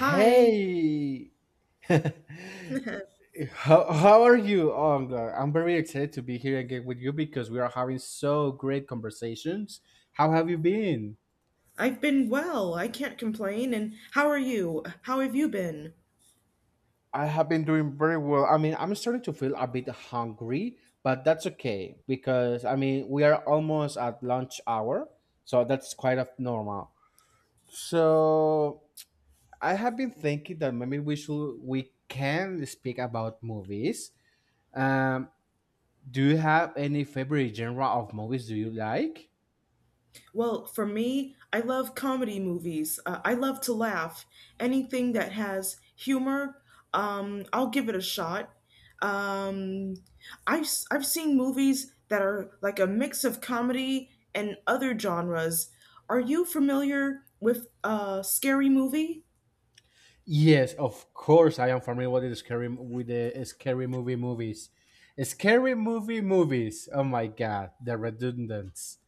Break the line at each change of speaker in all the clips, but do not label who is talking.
Hi.
how, how are you? Oh, I'm glad. I'm very excited to be here again with you because we are having so great conversations. How have you been?
I've been well. I can't complain. And how are you? How have you been?
I have been doing very well. I mean, I'm starting to feel a bit hungry, but that's okay because I mean, we are almost at lunch hour, so that's quite of normal. So, I have been thinking that maybe we can speak about movies. Um, Do you have any favorite genre of movies do you like?
Well, for me, I love comedy movies. I love to laugh. Anything that has humor, I'll give it a shot. Um, I've seen movies that are like a mix of comedy and other genres. Are you familiar with Scary Movie?
Yes, of course I am familiar with the scary movie movies. Scary movie movies. Oh my god, the redundance.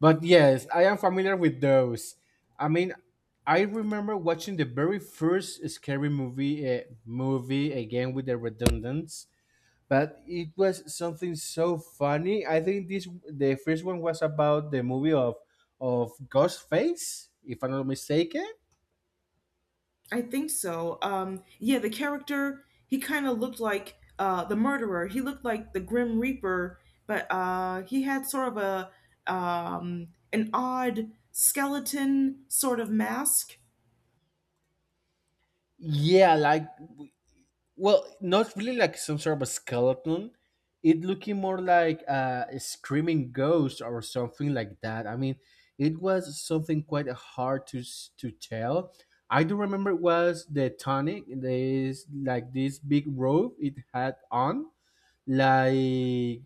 But yes, I am familiar with those. I mean, I remember watching the very first scary movie movie again with the redundance. But it was something so funny. I think this the first one was about the movie of Ghostface, if I'm not mistaken.
I think so. Yeah, the character he kind of looked like the murderer. He looked like the Grim Reaper, but he had sort of a an odd skeleton sort of mask.
Yeah, like well, not really like some sort of a skeleton. It looking more like a screaming ghost or something like that. I mean, it was something quite hard to tell. I do remember it was the tonic. This like this big robe it had on, like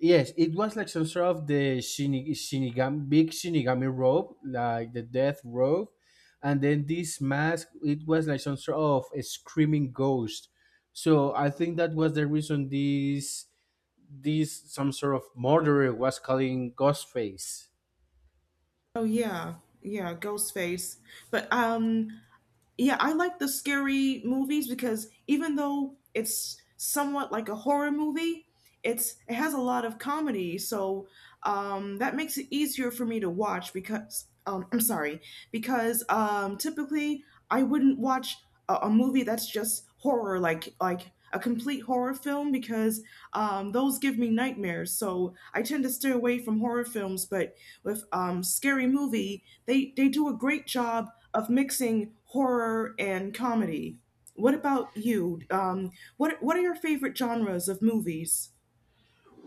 yes, it was like some sort of the shinigami rope, like the death rope, and then this mask. It was like some sort of a screaming ghost. So I think that was the reason this some sort of murderer was calling Ghostface.
Oh yeah, yeah, ghost face. But Yeah, I like the scary movies because even though it's somewhat like a horror movie, it has a lot of comedy, so that makes it easier for me to watch because I'm sorry, because typically I wouldn't watch a movie that's just horror like a complete horror film because those give me nightmares. So I tend to stay away from horror films. But with Scary Movie, they do a great job of mixing horror and comedy. What about you? What are your favorite genres of movies?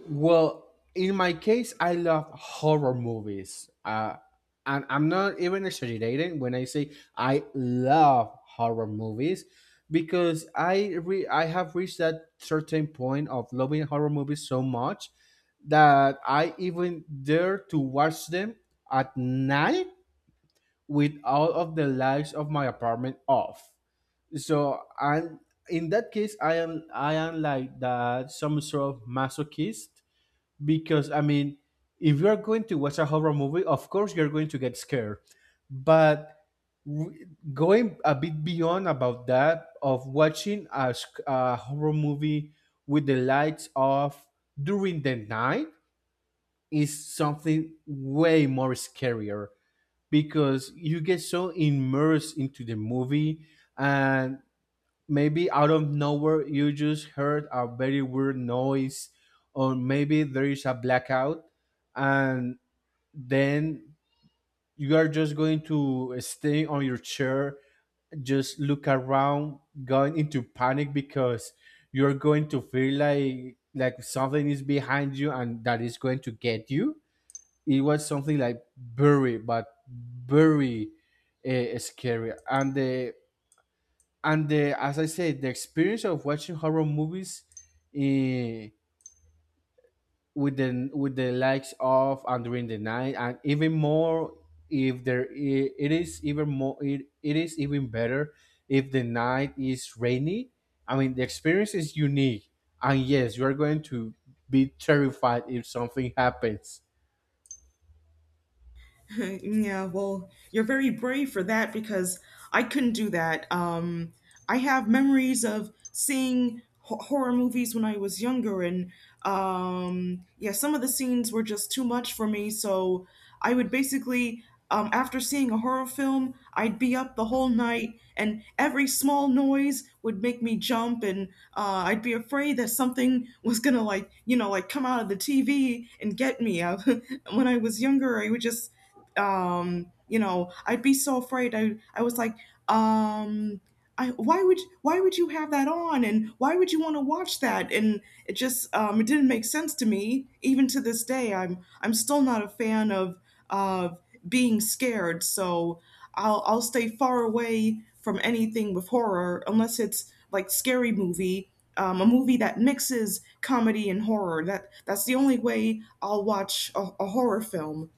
Well, in my case, I love horror movies. And I'm not even exaggerating when I say I love horror movies because I have reached that certain point of loving horror movies so much that I even dare to watch them at night with all of the lights of my apartment off. So I'm in that case I am like that some sort of masochist because I mean, if you're going to watch a horror movie, of course you're going to get scared. But w- going a bit beyond about that of watching a horror movie with the lights off during the night is something way more scarier because you get so immersed into the movie, and maybe out of nowhere you just heard a very weird noise, or maybe there is a blackout, and then you are just going to stay on your chair, just look around, going into panic because you're going to feel like something is behind you and that is going to get you. It was something like very, but very, scary. And the and the as I said, the experience of watching horror movies, eh, with the likes of and during the night, and even more if there I- it is even more, it is even better if the night is rainy. I mean, the experience is unique, and yes, you are going to be terrified if something happens.
Yeah, well, you're very brave for that because I couldn't do that. I have memories of seeing horror movies when I was younger, and yeah, some of the scenes were just too much for me. So I would basically, after seeing a horror film, I'd be up the whole night, and every small noise would make me jump, and I'd be afraid that something was gonna like, like come out of the TV and get me. When I was younger, I would just I'd be so afraid I was like um I, why would you have that on and why would you want to watch that and it just it didn't make sense to me even to this day I'm still not a fan of being scared so I'll stay far away from anything with horror unless it's like Scary Movie, a movie that mixes comedy and horror, that's the only way I'll watch a horror film.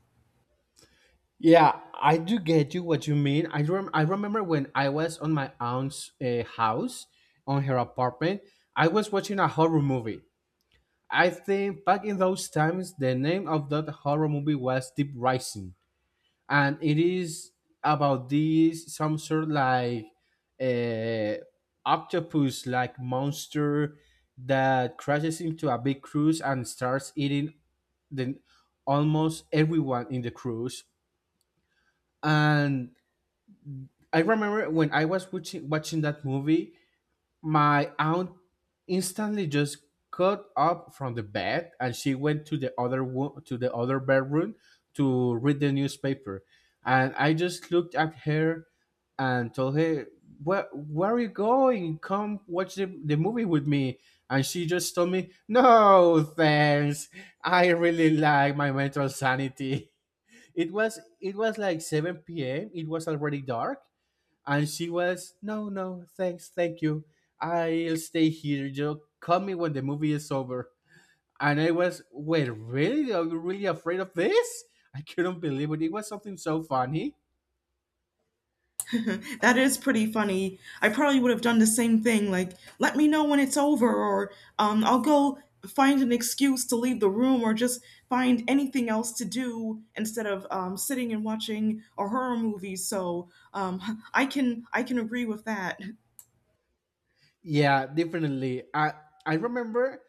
Yeah, I do get you what you mean. I remember when I was on my aunt's house, on her apartment, I was watching a horror movie. I think back in those times, the name of that horror movie was Deep Rising, and it is about this some sort like uh, octopus like monster that crashes into a big cruise and starts eating the almost everyone in the cruise. And I remember when I was watching that movie, my aunt instantly just got up from the bed and she went to the other bedroom to read the newspaper, and I just looked at her and told her, "Where are you going? Come watch the movie with me." And she just told me, "No, thanks. I really like my mental sanity." It was like 7 p.m. It was already dark, and she was, no, no, thanks, thank you. I'll stay here. You call me when the movie is over. And I was, wait, really? Are you really afraid of this? I couldn't believe it. It was something so funny.
That is pretty funny. I probably would have done the same thing, like, let me know when it's over, or I'll go find an excuse to leave the room, or just find anything else to do instead of sitting and watching a horror movie. So I can agree with that.
Yeah, definitely. I remember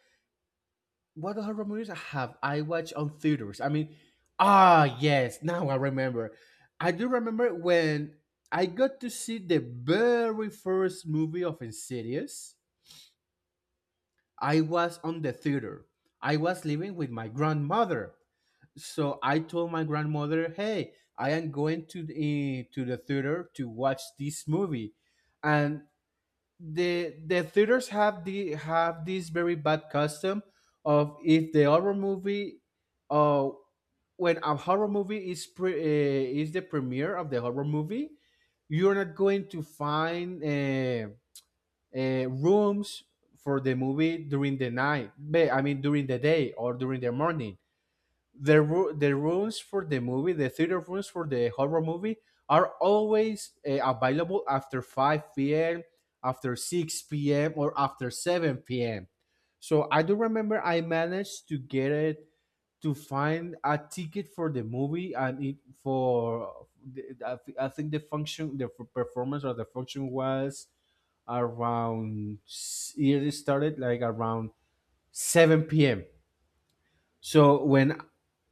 what horror movies I watched on theaters. I mean, ah, yes, now I remember. I do remember when I got to see the very first movie of Insidious. I was on the theater. I was living with my grandmother. So I told my grandmother, "Hey, I am going to the theater to watch this movie." And the theaters have this very bad custom of if the horror movie uh when a horror movie is the premiere of the horror movie, you're not going to find rooms for the movie during the night. I mean during the day or during the morning. The rooms for the movie, the theater rooms for the horror movie, are always available after five p.m., after six p.m., or after seven p.m. So I do remember I managed to get it to find a ticket for the movie, and it for I think the function the f- performance or the function was around, it started like around 7 p.m. So when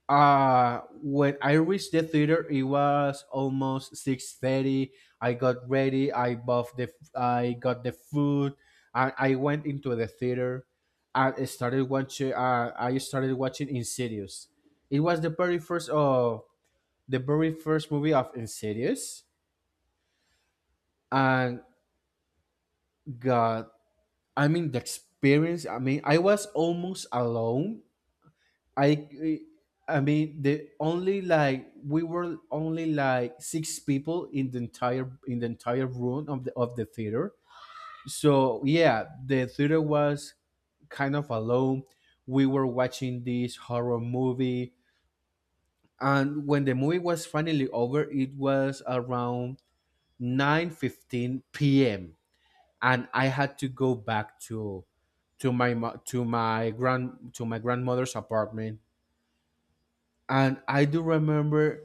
uh when I reached the theater it was almost 6:30. I got ready, I bought the I got the food, and I went into the theater, and I started watching Insidious. It was the very first of the very first movie of Insidious. And God, I mean, the experience. I mean, I was almost alone. I, I mean, the only like we were only like six people in the entire room of the theater. So yeah, the theater was kind of alone. We were watching this horror movie, and when the movie was finally over, it was around 9:15 p.m., and I had to go back to my grandmother's apartment. And I do remember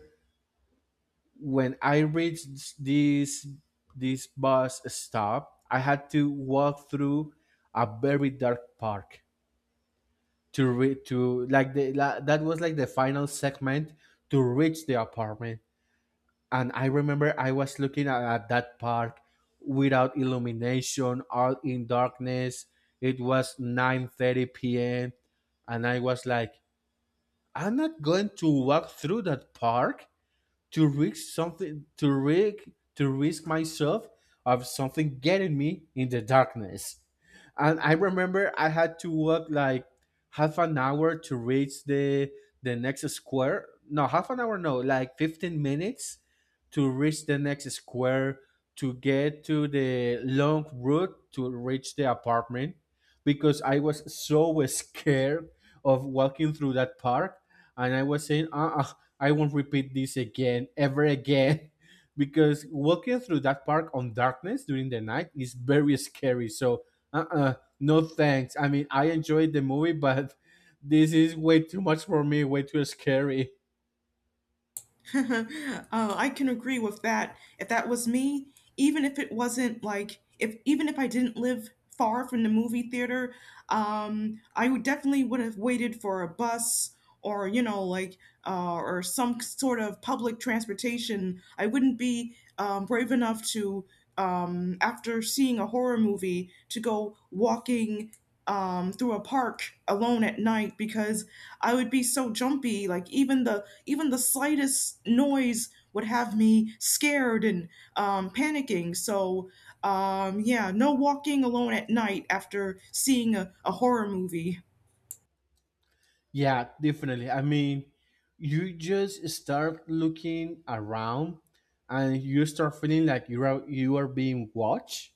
when I reached this bus stop, I had to walk through a very dark park to like that was like the final segment to reach the apartment. And I remember I was looking at that park without illumination, all in darkness. It was 9:30 p.m., and I was like, I'm not going to walk through that park to risk something to risk to risk myself of something getting me in the darkness. And I remember I had to walk like half an hour to reach the next square no half an hour no like 15 minutes to reach the next square to get to the long route to reach the apartment because I was so scared of walking through that park. And I was saying, I won't repeat this again, ever again, because walking through that park on darkness during the night is very scary. So, uh, uh no thanks. I mean, I enjoyed the movie, but this is way too much for me, way too scary.
uh, I can agree with that. If that was me, even if it wasn't like if even if I didn't live far from the movie theater, I would definitely would have waited for a bus or you know like or some sort of public transportation. I wouldn't be brave enough to after seeing a horror movie to go walking through a park alone at night because I would be so jumpy. Like even the slightest noise would have me scared and panicking. So, yeah, no walking alone at night after seeing a horror movie.
Yeah, definitely. I mean, you just start looking around, and you start feeling like you are being watched,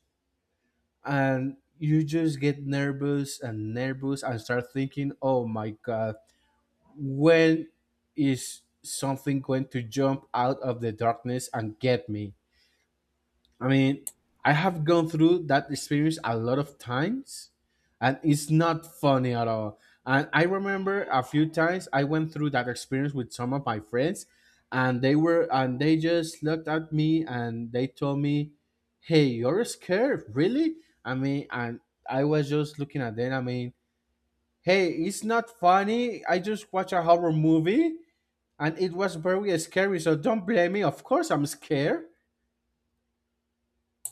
and you just get nervous and nervous and start thinking, oh my god, when is something going to jump out of the darkness and get me? I mean, I have gone through that experience a lot of times, and it's not funny at all. And I remember a few times I went through that experience with some of my friends, and they just looked at me and they told me, "Hey, you're scared, really?" I mean, and I was just looking at them. I mean, hey, it's not funny. I just watched a horror movie, and it was very scary. So don't blame me. Of course, I'm scared.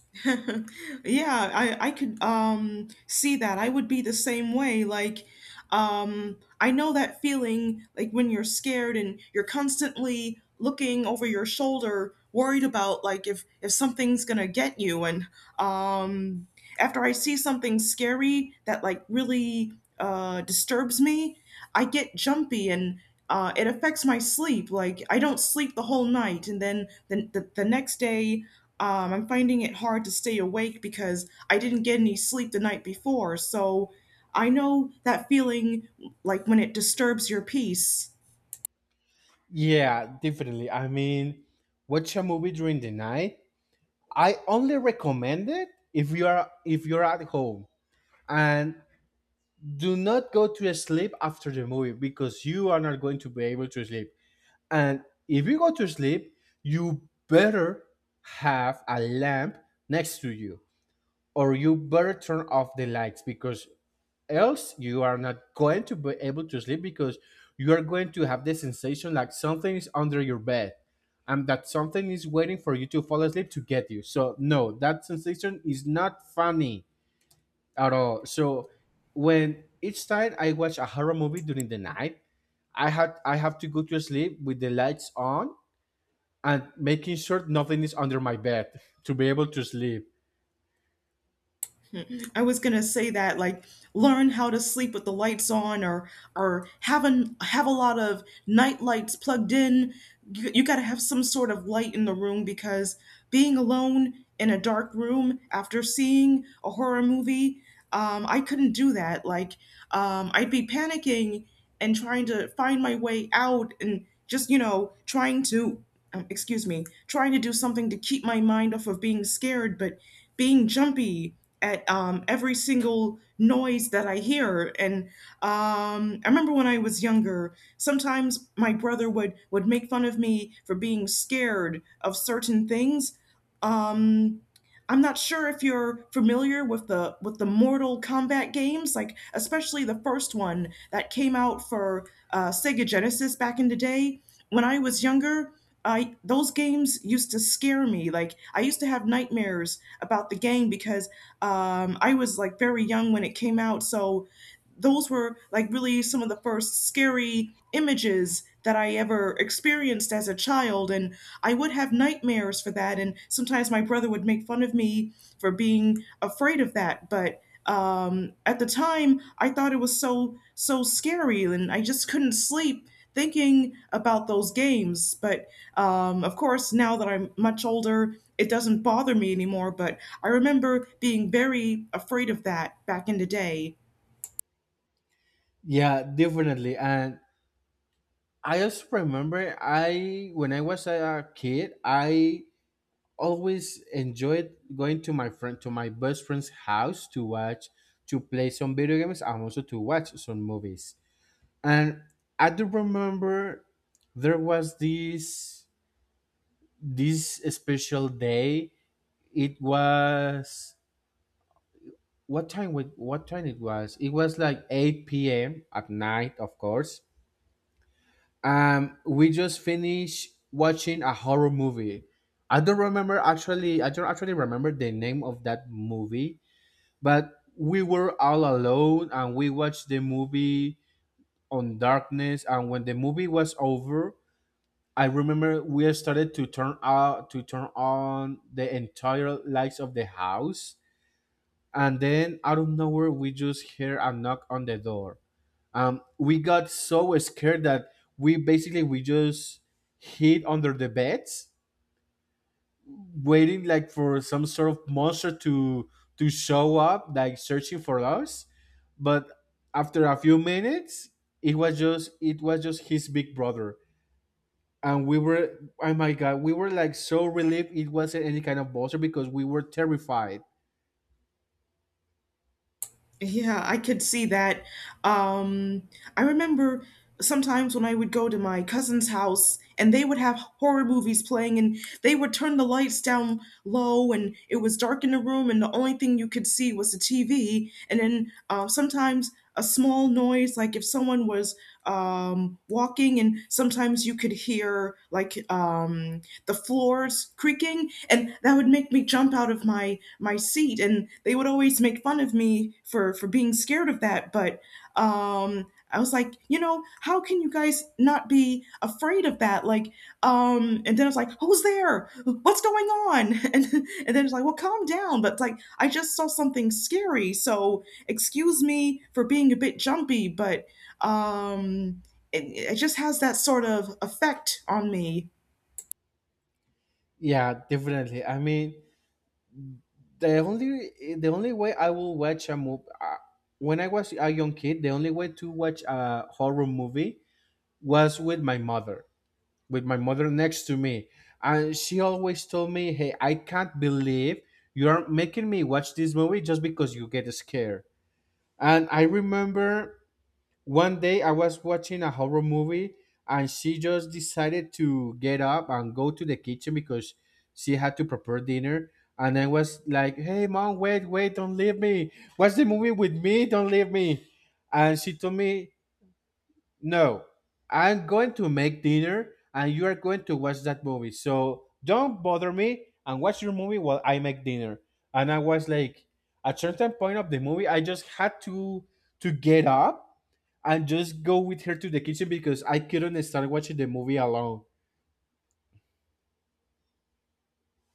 Yeah, I could see that. I would be the same way. Like I know that feeling like when you're scared and you're constantly looking over your shoulder worried about like if something's going to get you and um after I see something scary that like really disturbs me, I get jumpy and it affects my sleep. Like I don't sleep the whole night, and then the next day I'm finding it hard to stay awake because I didn't get any sleep the night before, so I know that feeling like when it disturbs your peace.
Yeah, definitely. I mean, watch a movie during the night. I only recommend it if you are if you're at home. And do not go to sleep after the movie because you are not going to be able to sleep. And if you go to sleep, you better have a lamp next to you, or you better turn off the lights because else you are not going to be able to sleep because you are going to have the sensation like something is under your bed, and that something is waiting for you to fall asleep to get you. So no, that sensation is not funny at all. So when, each time I watch a horror movie during the night, I have to go to sleep with the lights on and making sure nothing is under my bed to be able to sleep.
I was gonna say that like learn how to sleep with the lights on or have a lot of night lights plugged in. You gotta have some sort of light in the room because being alone in a dark room after seeing a horror movie, I couldn't do that. Like I'd be panicking and trying to find my way out and just you know trying to excuse me, trying to do something to keep my mind off of being scared but being jumpy at every single noise that I hear. And I remember when I was younger, sometimes my brother would make fun of me for being scared of certain things. Um, I'm not sure if you're familiar with the Mortal Kombat games, like especially the first one that came out for Sega Genesis back in the day. When I was younger, I those games used to scare me. Like I used to have nightmares about the game because I was like very young when it came out. So those were like really some of the first scary images that I ever experienced as a child. And I would have nightmares for that. And sometimes my brother would make fun of me for being afraid of that. But at the time, I thought it was so, so scary. And I just couldn't sleep thinking about those games. But of course, now that I'm much older, it doesn't bother me anymore. But I remember being very afraid of that back in the day.
Yeah, definitely. And I also remember I when I was a kid, I always enjoyed going to my best friend's house to watch to play some video games and also to watch some movies. And I do remember there was this special day. It was what time? What time it was? It was like 8 p.m. at night, of course. We just finished watching a horror movie. I don't remember actually. I don't actually remember the name of that movie, but we were all alone and we watched the movie on darkness. And when the movie was over, I remember we started to turn on the entire lights of the house, and then out of nowhere we just hear a knock on the door. We got so scared that we basically we just hid under the beds, waiting like for some sort of monster to show up, like searching for us. But after a few minutes, it was just his big brother, and we were, oh my god, we were like so relieved it wasn't any kind of monster, because we were terrified.
Yeah, I could see that. Um, I remember sometimes when I would go to my cousin's house and they would have horror movies playing and they would turn the lights down low and it was dark in the room and the only thing you could see was the TV. And then sometimes a small noise, like if someone was walking, and sometimes you could hear like the floors creaking, and that would make me jump out of my seat, and they would always make fun of me for being scared of that but um I was like, you know, how can you guys not be afraid of that? Like, and then I was like, who's there? What's going on? And then it's like, well, calm down. But it's like, I just saw something scary, so excuse me for being a bit jumpy, but um, it, it just has that sort of effect on me.
Yeah, definitely. I mean, the only way I will watch a movie, when I was a young kid, the only way to watch a horror movie was with my mother next to me, and she always told me, "Hey, I can't believe you are making me watch this movie just because you get scared." And I remember one day I was watching a horror movie and she just decided to get up and go to the kitchen because she had to prepare dinner. And I was like, hey, mom, wait, wait, don't leave me. Watch the movie with me, don't leave me. And she told me, no, I'm going to make dinner and you are going to watch that movie. So don't bother me and watch your movie while I make dinner. And I was like, at certain point of the movie, I just had to get up and just go with her to the kitchen because I couldn't start watching the movie alone.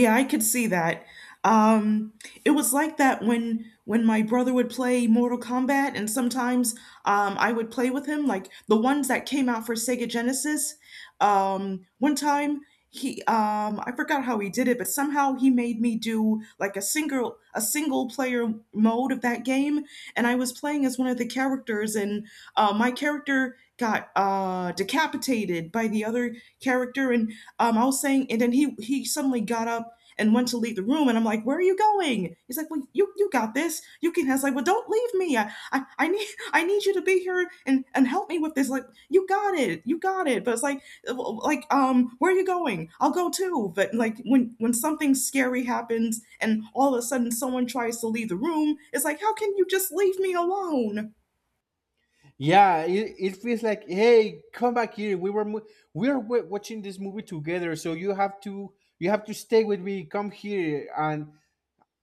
Yeah, I could see that. Um, it was like that when my brother would play Mortal Kombat, and sometimes I would play with him, like the ones that came out for Sega Genesis. One time he I forgot how he did it, but somehow he made me do like a single player mode of that game, and I was playing as one of the characters, and my character got decapitated by the other character, and I was saying, and then he suddenly got up and went to leave the room. And I'm like, where are you going? He's like, well, you got this. You can. I was like, well, don't leave me. I need you to be here and help me with this. Like, you got it. You got it. But it's like, where are you going? I'll go too. But like when something scary happens and all of a sudden someone tries to leave the room, it's like, how can you just leave me alone?
Yeah, it feels like, hey, come back here. We are watching this movie together, so you have to stay with me. Come here. And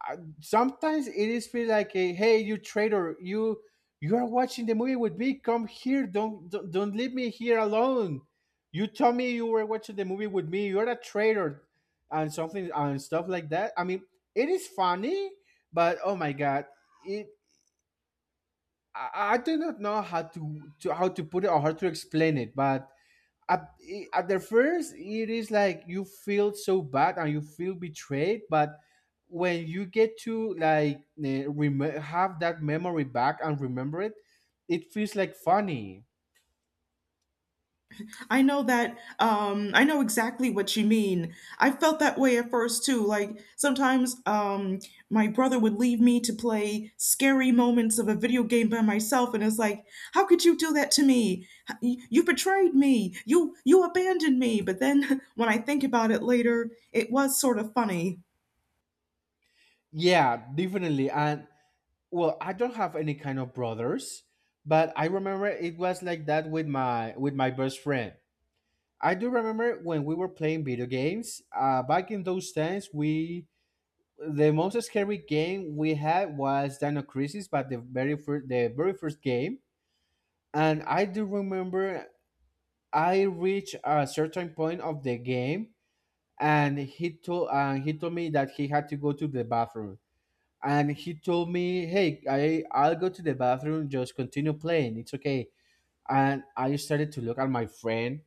sometimes it is feel like, hey, you traitor, you are watching the movie with me, come here, don't leave me here alone. You told me you were watching the movie with me, you're a traitor. And something and stuff like that, I mean, it is funny, but oh my god. it I do not know how to put it or how to explain it, but at, at the first it is like you feel so bad and you feel betrayed. But when you get to, like, have that memory back and remember it feels like funny.
I know that. I know exactly what you mean. I felt that way at first too. Like sometimes, my brother would leave me to play scary moments of a video game by myself, and it's like, how could you do that to me? You betrayed me. You abandoned me. But then when I think about it later, it was sort of funny.
Yeah, definitely. And well, I don't have any kind of brothers, but I remember it was like that with my best friend. I do remember when we were playing video games, back in those times, we the most scary game we had was Dino Crisis, but the very first game. And I do remember I reached a certain point of the game, and he told me that he had to go to the bathroom. And he told me, "Hey, I'll go to the bathroom. Just continue playing. It's okay." And I started to look at my friend,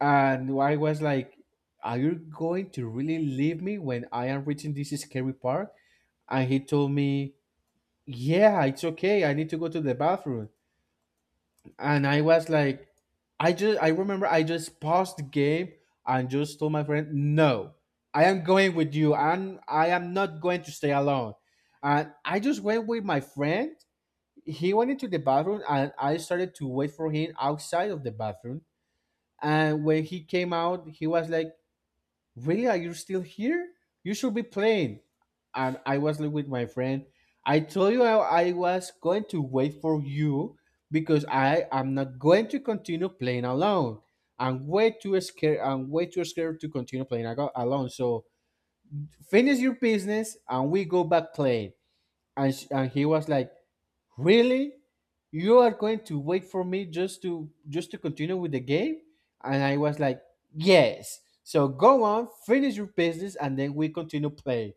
and I was like, "Are you going to really leave me when I am reaching this scary part?" And he told me, yeah, it's okay, I need to go to the bathroom. And I was like, I remember I just paused the game and just told my friend, no, I am going with you and I am not going to stay alone. And I just went with my friend. He went into the bathroom and I started to wait for him outside of the bathroom. And when he came out, he was like, really, are you still here? You should be playing. And I was like, with my friend, I told you, I was going to wait for you because I am not going to continue playing alone. I'm way too scared to continue playing alone. So finish your business and we go back playing. And he was like, really? You are going to wait for me just to continue with the game? And I was like, yes. So go on, finish your business and then we continue play.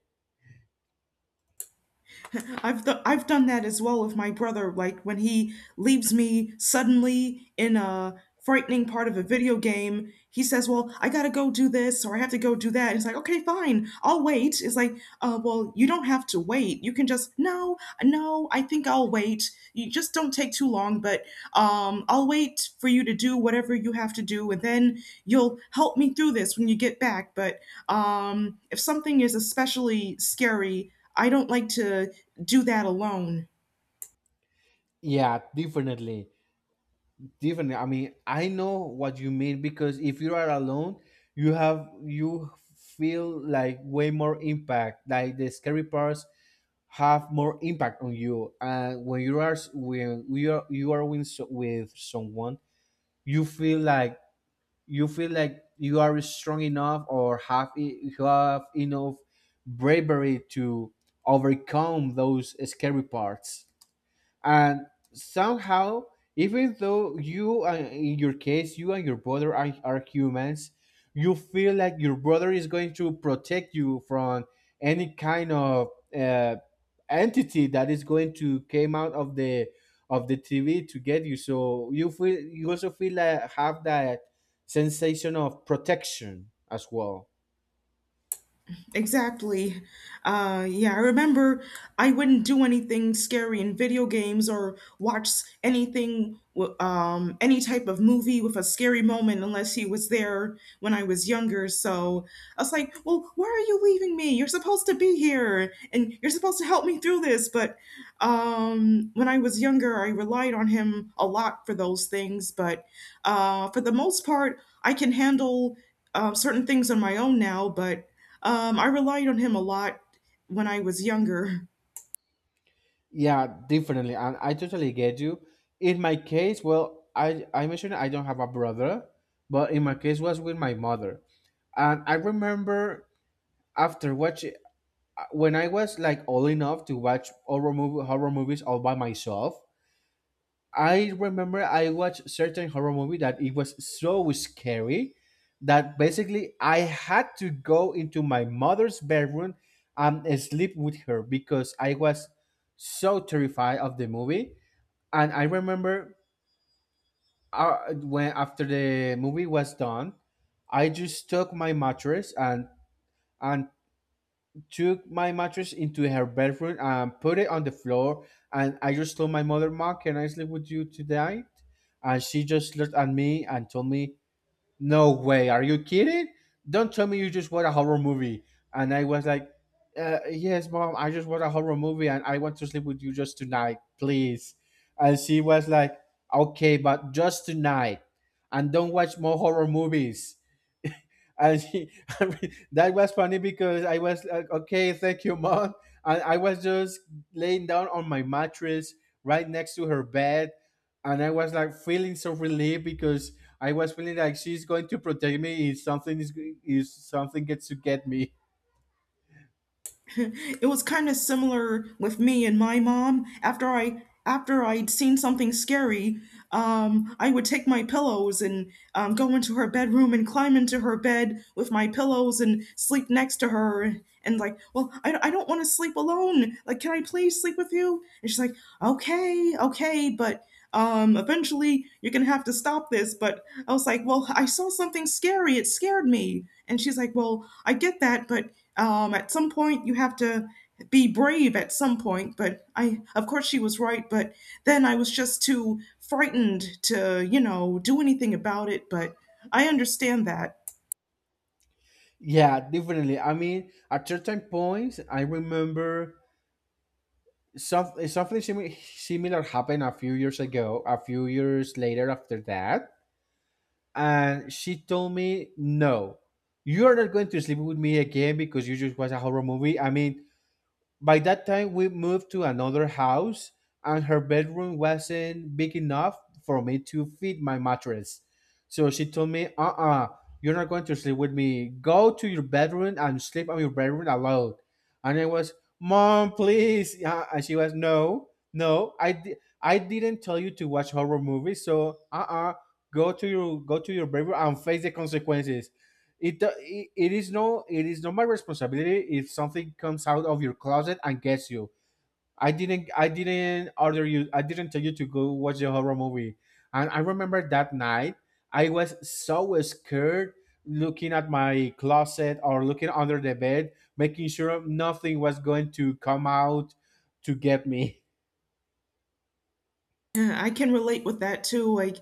I've done that as well with my brother. Like when he leaves me suddenly in a frightening part of a video game, he says, "Well, I gotta go do this, or I have to go do that." And it's like, "Okay, fine, I'll wait." It's like, well, you don't have to wait. You can just no, no. I think I'll wait. You just don't take too long, but I'll wait for you to do whatever you have to do, and then you'll help me through this when you get back." But if something is especially scary, I don't like to do that alone.
Yeah, definitely. Definitely. I mean, I know what you mean because if you are alone, you feel like way more impact. Like the scary parts have more impact on you. And when you are with, with someone, you feel like you feel like you are strong enough or have enough bravery to overcome those scary parts, and somehow, even though you in your case, you and your brother are humans, you feel like your brother is going to protect you from any kind of uh, entity that is going to came out of the TV to get you. So you also feel like have that sensation of protection as well.
Exactly. Yeah, I remember I wouldn't do anything scary in video games or watch anything, any type of movie with a scary moment unless he was there when I was younger. So I was like, well, why are you leaving me? You're supposed to be here and you're supposed to help me through this. But when I was younger, I relied on him a lot for those things. But for the most part, I can handle certain things on my own now, but I relied on him a lot when I was younger.
Yeah, definitely. And I totally get you. In my case, well, I mentioned I don't have a brother, but in my case was with my mother. And I remember after watching, when I was like old enough to watch horror movies all by myself, I remember I watched certain horror movie that it was so scary that basically I had to go into my mother's bedroom and sleep with her because I was so terrified of the movie. And I remember, when after the movie was done, I just took my mattress and and took my mattress into her bedroom and put it on the floor. And I just told my mother, "Mom, can I sleep with you tonight?" And she just looked at me and told me, no way. Are you kidding? Don't tell me you just watched a horror movie. And I was like, yes, mom, I just watched a horror movie and I want to sleep with you just tonight, please. And she was like, okay, but just tonight. And don't watch more horror movies. And she, I mean, that was funny because I was like, okay, thank you, mom. And I was just laying down on my mattress right next to her bed. And I was like feeling so relieved because I was feeling like she's going to protect me if something is if something gets to get me.
It was kind of similar with me and my mom. After I after I'd seen something scary, I would take my pillows and go into her bedroom and climb into her bed with my pillows and sleep next to her. And like, well, I don't want to sleep alone. Like, can I please sleep with you? And she's like, okay, okay, but eventually, you're going to have to stop this. But I was like, well, I saw something scary. It scared me. And she's like, well, I get that. But at some point, you have to be brave at some point. But I, of course, she was right. But then I was just too frightened to, you know, do anything about it. But I understand that.
Yeah, definitely. I mean, at certain points, I remember something similar happened a few years ago. A few years later, after that, and she told me, no, you're not going to sleep with me again because you just watched a horror movie. I mean, by that time, we moved to another house, and her bedroom wasn't big enough for me to fit my mattress. So she told me, you are not going to sleep with me. Go to your bedroom and sleep on your bedroom alone. And I was, mom, please. Yeah. And she was, no, no, I didn't tell you to watch horror movies. So, go to your bedroom and face the consequences. It is not my responsibility if something comes out of your closet and gets you. I didn't order you, I didn't tell you to go watch a horror movie. And I remember that night I was so scared, looking at my closet or looking under the bed, making sure nothing was going to come out to get me.
Yeah, I can relate with that too. Like,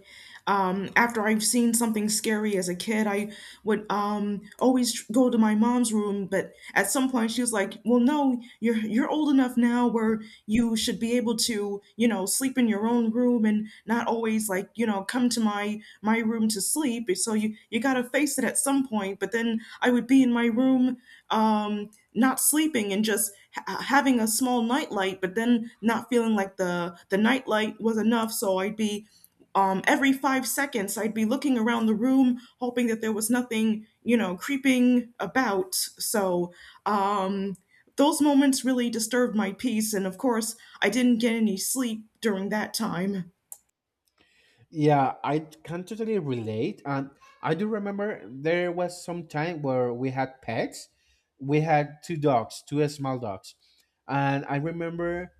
after I've seen something scary as a kid, I would always go to my mom's room, but at some point she was like, "Well, no, you're old enough now where you should be able to, you know, sleep in your own room and not always like, you know, come to my room to sleep." So you gotta face it at some point. But then I would be in my room, um, not sleeping and just having a small nightlight, but then not feeling like the nightlight was enough. So I'd be every 5 seconds, I'd be looking around the room, hoping that there was nothing, you know, creeping about. So um, those moments really disturbed my peace, and of course, I didn't get any sleep during that time.
Yeah, I can totally relate. And I do remember there was some time where we had pets. We had two dogs, two small dogs. And I remember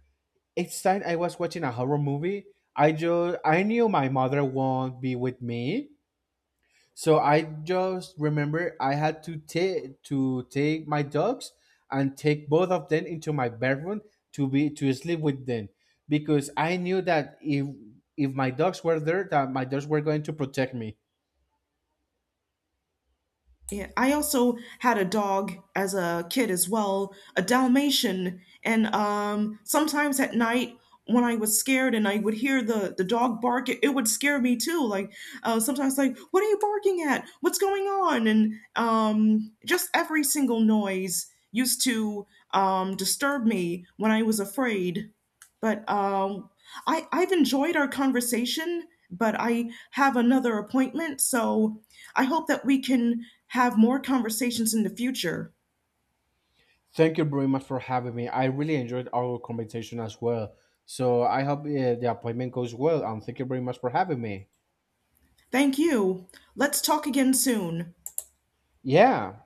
each time I was watching a horror movie, I knew my mother won't be with me. So I just remember I had to take my dogs and take both of them into my bedroom to sleep with them because I knew that if my dogs were there, that my dogs were going to protect me.
Yeah, I also had a dog as a kid as well, a Dalmatian, and sometimes at night when I was scared and I would hear the dog bark, it would scare me too. Like sometimes, like, what are you barking at? What's going on? And just every single noise used to disturb me when I was afraid. But I I've enjoyed our conversation, but I have another appointment, so. I hope that we can have more conversations in the future.
Thank you very much for having me. I really enjoyed our conversation as well. So I hope, the appointment goes well, and thank you very much for having me.
Thank you. Let's talk again soon.
Yeah.